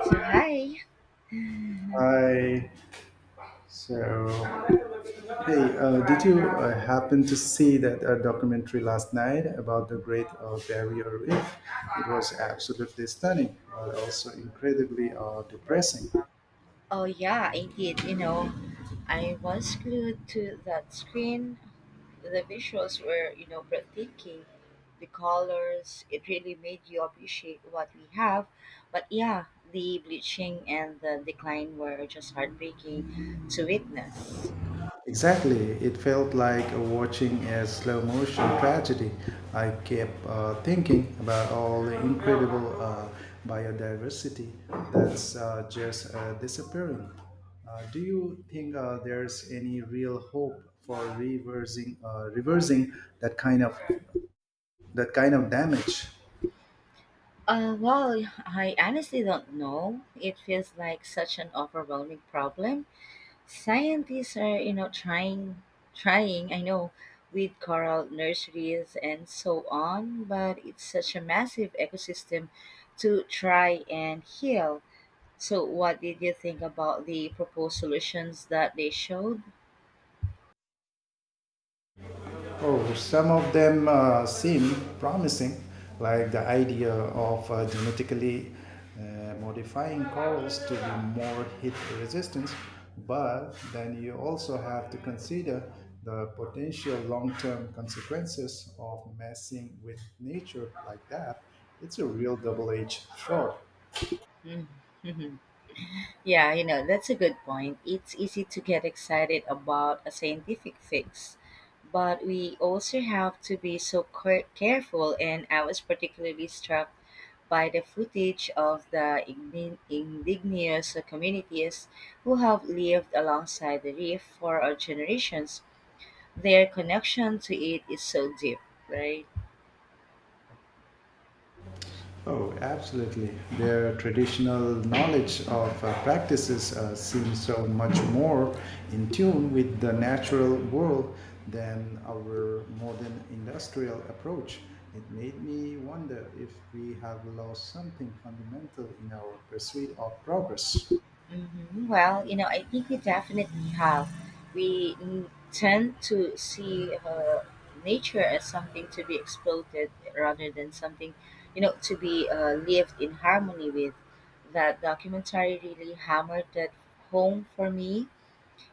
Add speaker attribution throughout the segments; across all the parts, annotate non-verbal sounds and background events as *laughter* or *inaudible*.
Speaker 1: So hi.
Speaker 2: Hi. So, hey, did you happen to see that documentary last night about the Great Barrier Reef? It was absolutely stunning, but also incredibly depressing.
Speaker 1: Oh yeah, indeed. I was glued to that screen. The visuals were, breathtaking. The colors, it really made you appreciate what we have. But yeah, the bleaching and the decline were just heartbreaking to witness.
Speaker 2: Exactly. It felt like watching a slow motion tragedy. I kept thinking about all the incredible biodiversity that's just disappearing. Do you think there's any real hope for reversing that kind of that kind of damage?
Speaker 1: Well, I honestly don't know. It feels like such an overwhelming problem. Scientists are, trying, I know, with coral nurseries and so on, but it's such a massive ecosystem to try and heal. So, what did you think about the proposed solutions that they showed?
Speaker 2: Oh, some of them seem promising, like the idea of genetically modifying corals to be more heat resistant, but then you also have to consider the potential long term consequences of messing with nature like that. It's a real double edged sword.
Speaker 1: Mm-hmm. Yeah, that's a good point. It's easy to get excited about a scientific fix, but we also have to be so careful. And I was particularly struck by the footage of the indigenous communities who have lived alongside the reef for generations. Their connection to it is so deep, right?
Speaker 2: Oh, absolutely. Their traditional knowledge of practices seems so much more in tune with the natural world than our modern industrial approach. It made me wonder if we have lost something fundamental in our pursuit of progress.
Speaker 1: Well, I think we definitely have. We tend to see nature as something to be exploited rather than something, to be lived in harmony with. That documentary really hammered that home for me,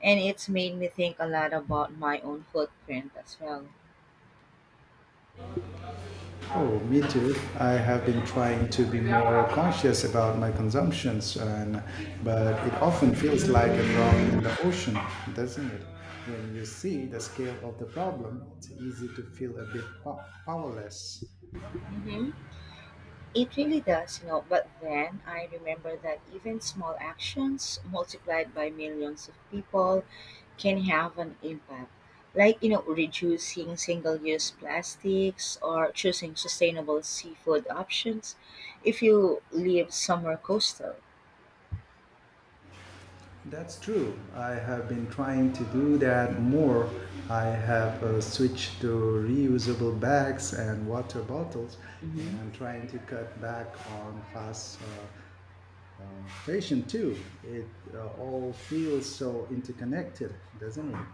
Speaker 1: and it's made me think a lot about my own footprint as well.
Speaker 2: Oh, me too. I have been trying to be more conscious about my consumptions, and but it often feels like a drop in the ocean, doesn't it? When you see the scale of the problem, it's easy to feel a bit powerless.
Speaker 1: hmm It really does, But then I remember that even small actions multiplied by millions of people can have an impact. Like, reducing single use plastics or choosing sustainable seafood options if you live somewhere coastal.
Speaker 2: That's true. I have been trying to do that more. I have switched to reusable bags and water bottles, and I'm trying to cut back on fast fashion too. It all feels so interconnected, doesn't it?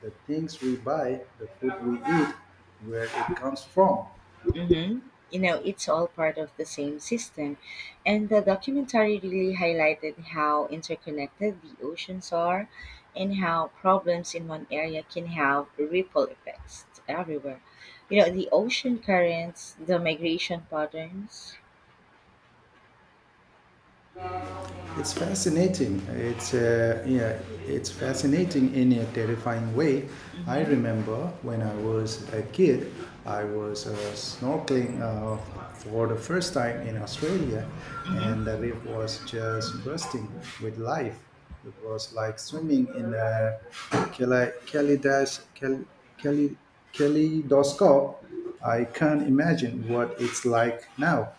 Speaker 2: The things we buy, the food we eat, where it comes from.
Speaker 1: Mm-hmm. It's all part of the same system. And the documentary really highlighted how interconnected the oceans are and how problems in one area can have ripple effects everywhere. The ocean currents, the migration patterns.
Speaker 2: It's fascinating. It's fascinating in a terrifying way. I
Speaker 1: Mm-hmm.
Speaker 2: remember when I was a kid, I was snorkeling for the first time in Australia, and
Speaker 1: Mm-hmm.
Speaker 2: the reef was just bursting with life. It was like swimming in a kale- kaleidos- kal- kale- kaleidoscope. I can't imagine what it's like now.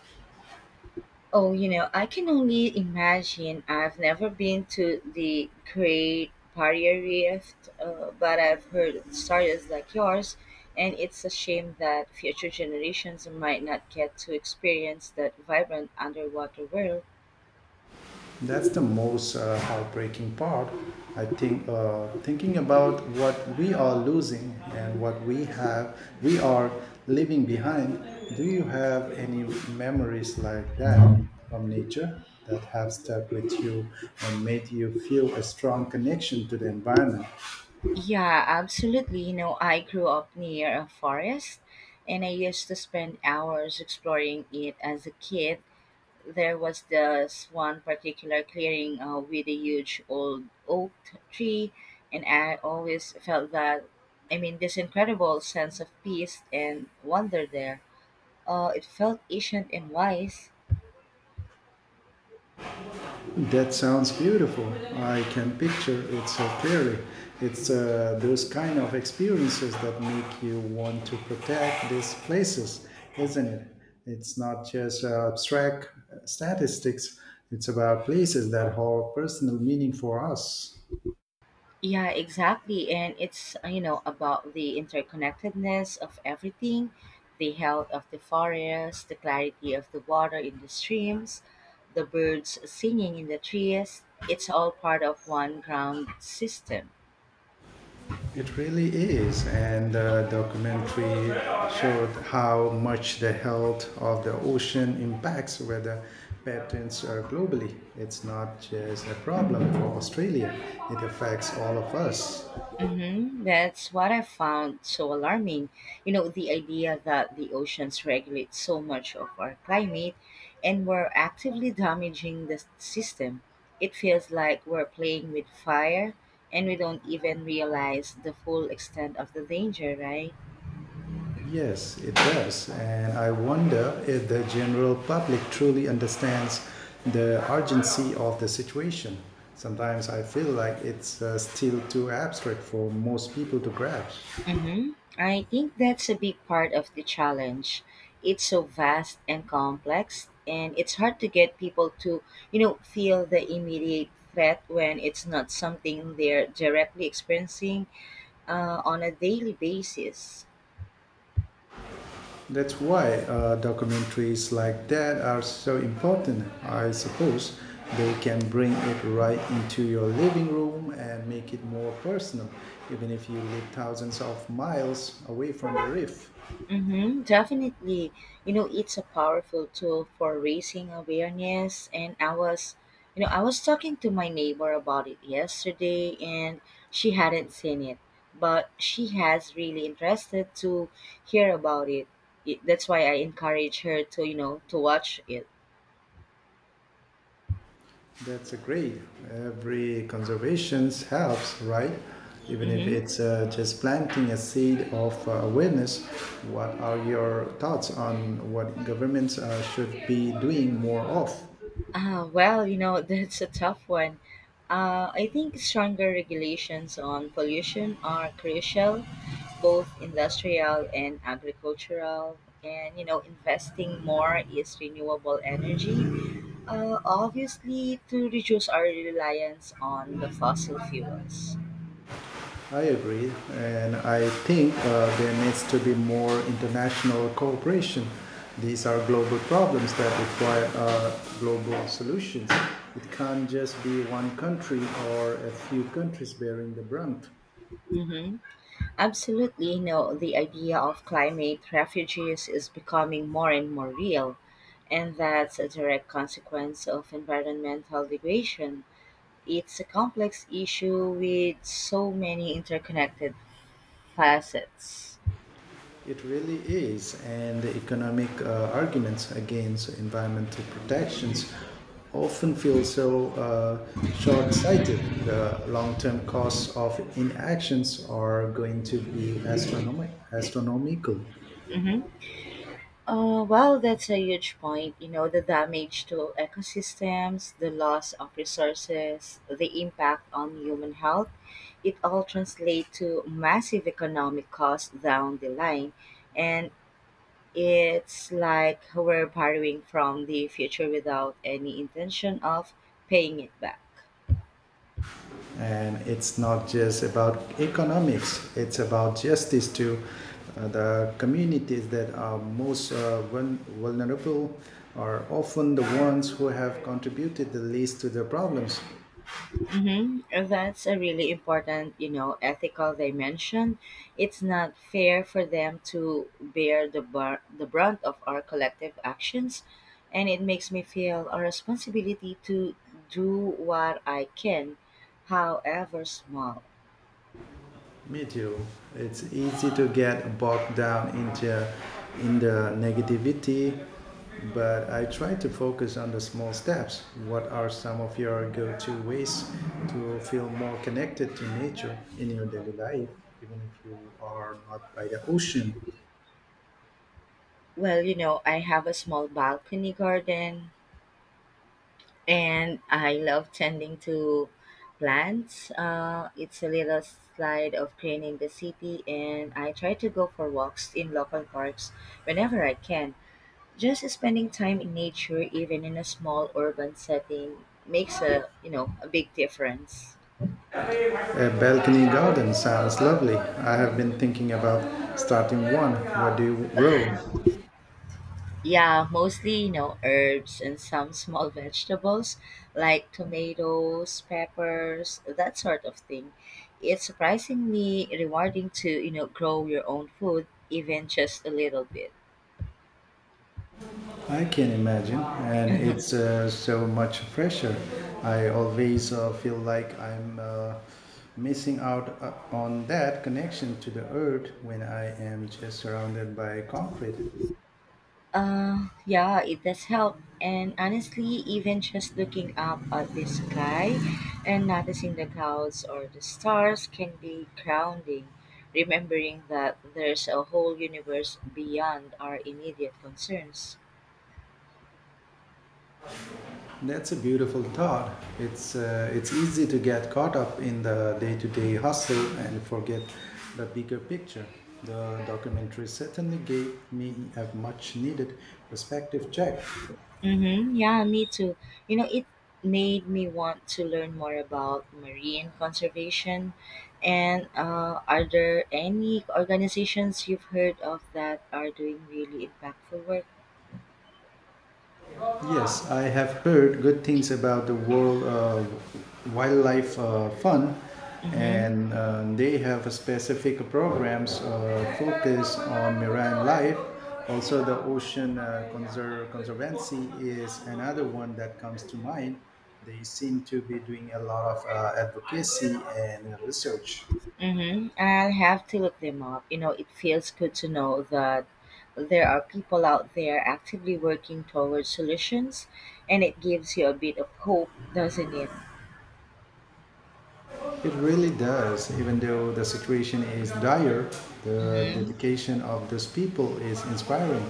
Speaker 1: Oh, I can only imagine. I've never been to the Great Barrier Reef, but I've heard stories like yours, and it's a shame that future generations might not get to experience that vibrant underwater world.
Speaker 2: That's the most heartbreaking part. I think thinking about what we are losing and what we have, we are leaving behind. Do you have any memories like that from nature that have stuck with you and made you feel a strong connection to the environment?
Speaker 1: Yeah, absolutely. I grew up near a forest, and I used to spend hours exploring it as a kid. There was this one particular clearing with a huge old oak tree, and I always felt that, I mean, this incredible sense of peace and wonder there. It felt ancient and wise.
Speaker 2: That sounds beautiful. I can picture it so clearly. It's those kind of experiences that make you want to protect these places, isn't it? It's not just abstract statistics, it's about places that hold personal meaning for us.
Speaker 1: Yeah, exactly. And it's, about the interconnectedness of everything: the health of the forest, the clarity of the water in the streams, the birds singing in the trees. It's all part of one ground system.
Speaker 2: It really is, and the documentary showed how much the health of the ocean impacts weather patterns globally. It's not just a problem for Australia, it affects all of us.
Speaker 1: That's what I found so alarming. The idea that the oceans regulate so much of our climate and we're actively damaging the system. It feels like we're playing with fire and we don't even realize the full extent of the danger, right?
Speaker 2: Yes, it does, and I wonder if the general public truly understands the urgency of the situation. Sometimes I feel like it's still too abstract for most people to grasp.
Speaker 1: hmm I think that's a big part of the challenge. It's so vast and complex, and it's hard to get people to, feel the immediate threat when it's not something they're directly experiencing on a daily basis.
Speaker 2: That's why documentaries like that are so important. I suppose they can bring it right into your living room and make it more personal, even if you live thousands of miles away from the reef.
Speaker 1: Mm-hmm, definitely. It's a powerful tool for raising awareness. And I was, I was talking to my neighbor about it yesterday, and she hadn't seen it, but she has really interested to hear about it. That's why I encourage her to, to watch it.
Speaker 2: That's a great. Every conservation helps, right? Even if
Speaker 1: Mm-hmm.
Speaker 2: it's just planting a seed of awareness, what are your thoughts on what governments should be doing more of?
Speaker 1: Ah, well, *laughs* that's a tough one. I think stronger regulations on pollution are crucial, both industrial and agricultural, and you know investing more is renewable energy, obviously to reduce our reliance on the fossil fuels.
Speaker 2: I agree, and I think there needs to be more international cooperation. These are global problems that require global solutions. It can't just be one country or a few countries bearing the brunt.
Speaker 1: hmm Absolutely, you know the idea of climate refugees is becoming more and more real, and that's a direct consequence of environmental degradation. It's a complex issue with so many interconnected facets.
Speaker 2: It really is, and the economic arguments against environmental protections often feel so short-sighted. The long-term costs of inactions are going to be astronomical,
Speaker 1: Mhm. Well, that's a huge point. The damage to ecosystems, the loss of resources, the impact on human health, it all translates to massive economic costs down the line. And it's like we're borrowing from the future without any intention of paying it back.
Speaker 2: and it's not just about economics; it's about justice to the communities that are most vulnerable are often the ones who have contributed the least to the problems.
Speaker 1: Mm-hmm. That's a really important, ethical dimension. It's not fair for them to bear the the brunt of our collective actions, and it makes me feel a responsibility to do what I can, however small.
Speaker 2: Me too. It's easy to get bogged down into in the negativity, but I try to focus on the small steps. What are some of your go-to ways to feel more connected to nature in your daily life, even if you are not by the ocean?
Speaker 1: Well, I have a small balcony garden, and I love tending to plants. It's a little slide of cleaning the city, and I try to go for walks in local parks whenever I can. Just spending time in nature, even in a small urban setting, makes a a big difference.
Speaker 2: A balcony garden sounds lovely. I have been thinking about starting one. What do you grow?
Speaker 1: Yeah, mostly, herbs and some small *laughs* vegetables like tomatoes, peppers, that sort of thing. It's surprisingly rewarding to, grow your own food, even just a little bit.
Speaker 2: I can imagine, and it's
Speaker 1: *laughs*
Speaker 2: so much pressure. I always feel like I'm missing out on that connection to the earth when I am just surrounded by concrete.
Speaker 1: Yeah, it does help. And honestly, even just looking up at the sky and noticing the clouds or the stars can be grounding, remembering that there's a whole universe beyond our immediate concerns.
Speaker 2: That's a beautiful thought. It's easy to get caught up in the day-to-day hustle and forget the bigger picture. The documentary certainly gave me a much-needed perspective check.
Speaker 1: Mm-hmm. Yeah, me too. It made me want to learn more about marine conservation. And are there any organizations you've heard of that are doing really impactful work?
Speaker 2: Yes, I have heard good things about the World Wildlife Fund,
Speaker 1: Mm-hmm.
Speaker 2: and they have a specific programs focused on marine life. Also, the Ocean Conservancy is another one that comes to mind. They seem to be doing a lot of advocacy and research.
Speaker 1: Mm-hmm. I'll have to look them up. It feels good to know that there are people out there actively working towards solutions, and it gives you a bit of hope, doesn't it?
Speaker 2: It really does. Even though the situation is dire, the
Speaker 1: Mm-hmm.
Speaker 2: dedication of these people is inspiring.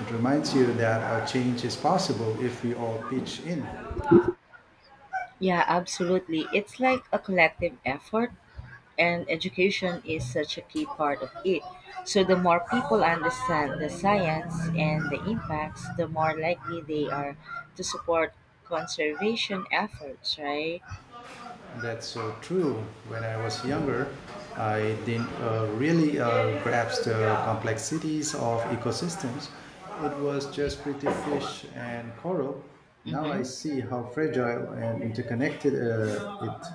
Speaker 2: It reminds you that a change is possible if we all pitch in.
Speaker 1: Yeah, absolutely. It's like a collective effort, and education is such a key part of it. So, the more people understand the science and the impacts, the more likely they are to support conservation efforts, right?
Speaker 2: That's so true. When I was younger, I didn't really grasp the complexities of ecosystems. It was just pretty fish and coral. Now I
Speaker 1: Mm-hmm.
Speaker 2: see how fragile and interconnected it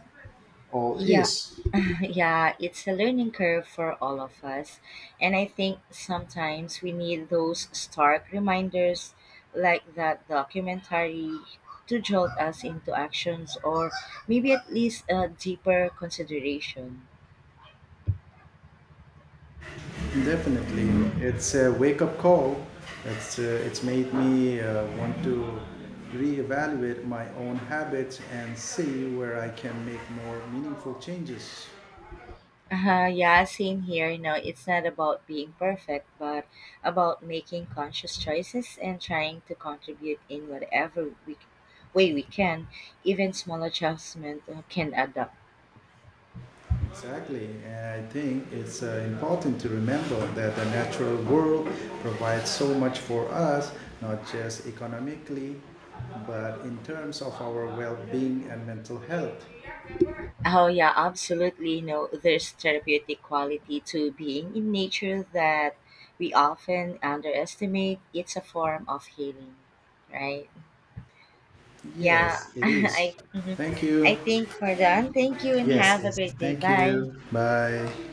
Speaker 2: all
Speaker 1: Yeah,
Speaker 2: is.
Speaker 1: *laughs* yeah, it's a learning curve for all of us. And I think sometimes we need those stark reminders like that documentary to jolt us into actions, or maybe at least a deeper consideration.
Speaker 2: Definitely, it's a wake-up call. It's made me want to reevaluate my own habits and see where I can make more meaningful changes.
Speaker 1: Yeah, same here. It's not about being perfect, but about making conscious choices and trying to contribute in way we can. Even small adjustment can add up.
Speaker 2: Exactly, and I think it's important to remember that the natural world provides so much for us, not just economically, but in terms of our well-being and mental health.
Speaker 1: Oh yeah, absolutely. There's therapeutic quality to being in nature that we often underestimate. It's a form of healing, right?
Speaker 2: Yes,
Speaker 1: Yeah, *laughs*
Speaker 2: it is.
Speaker 1: mhm.
Speaker 2: Thank you.
Speaker 1: I think we're done. Thank you and
Speaker 2: Yes,
Speaker 1: have a
Speaker 2: yes.
Speaker 1: great day.
Speaker 2: Thank
Speaker 1: Bye.
Speaker 2: you. Bye.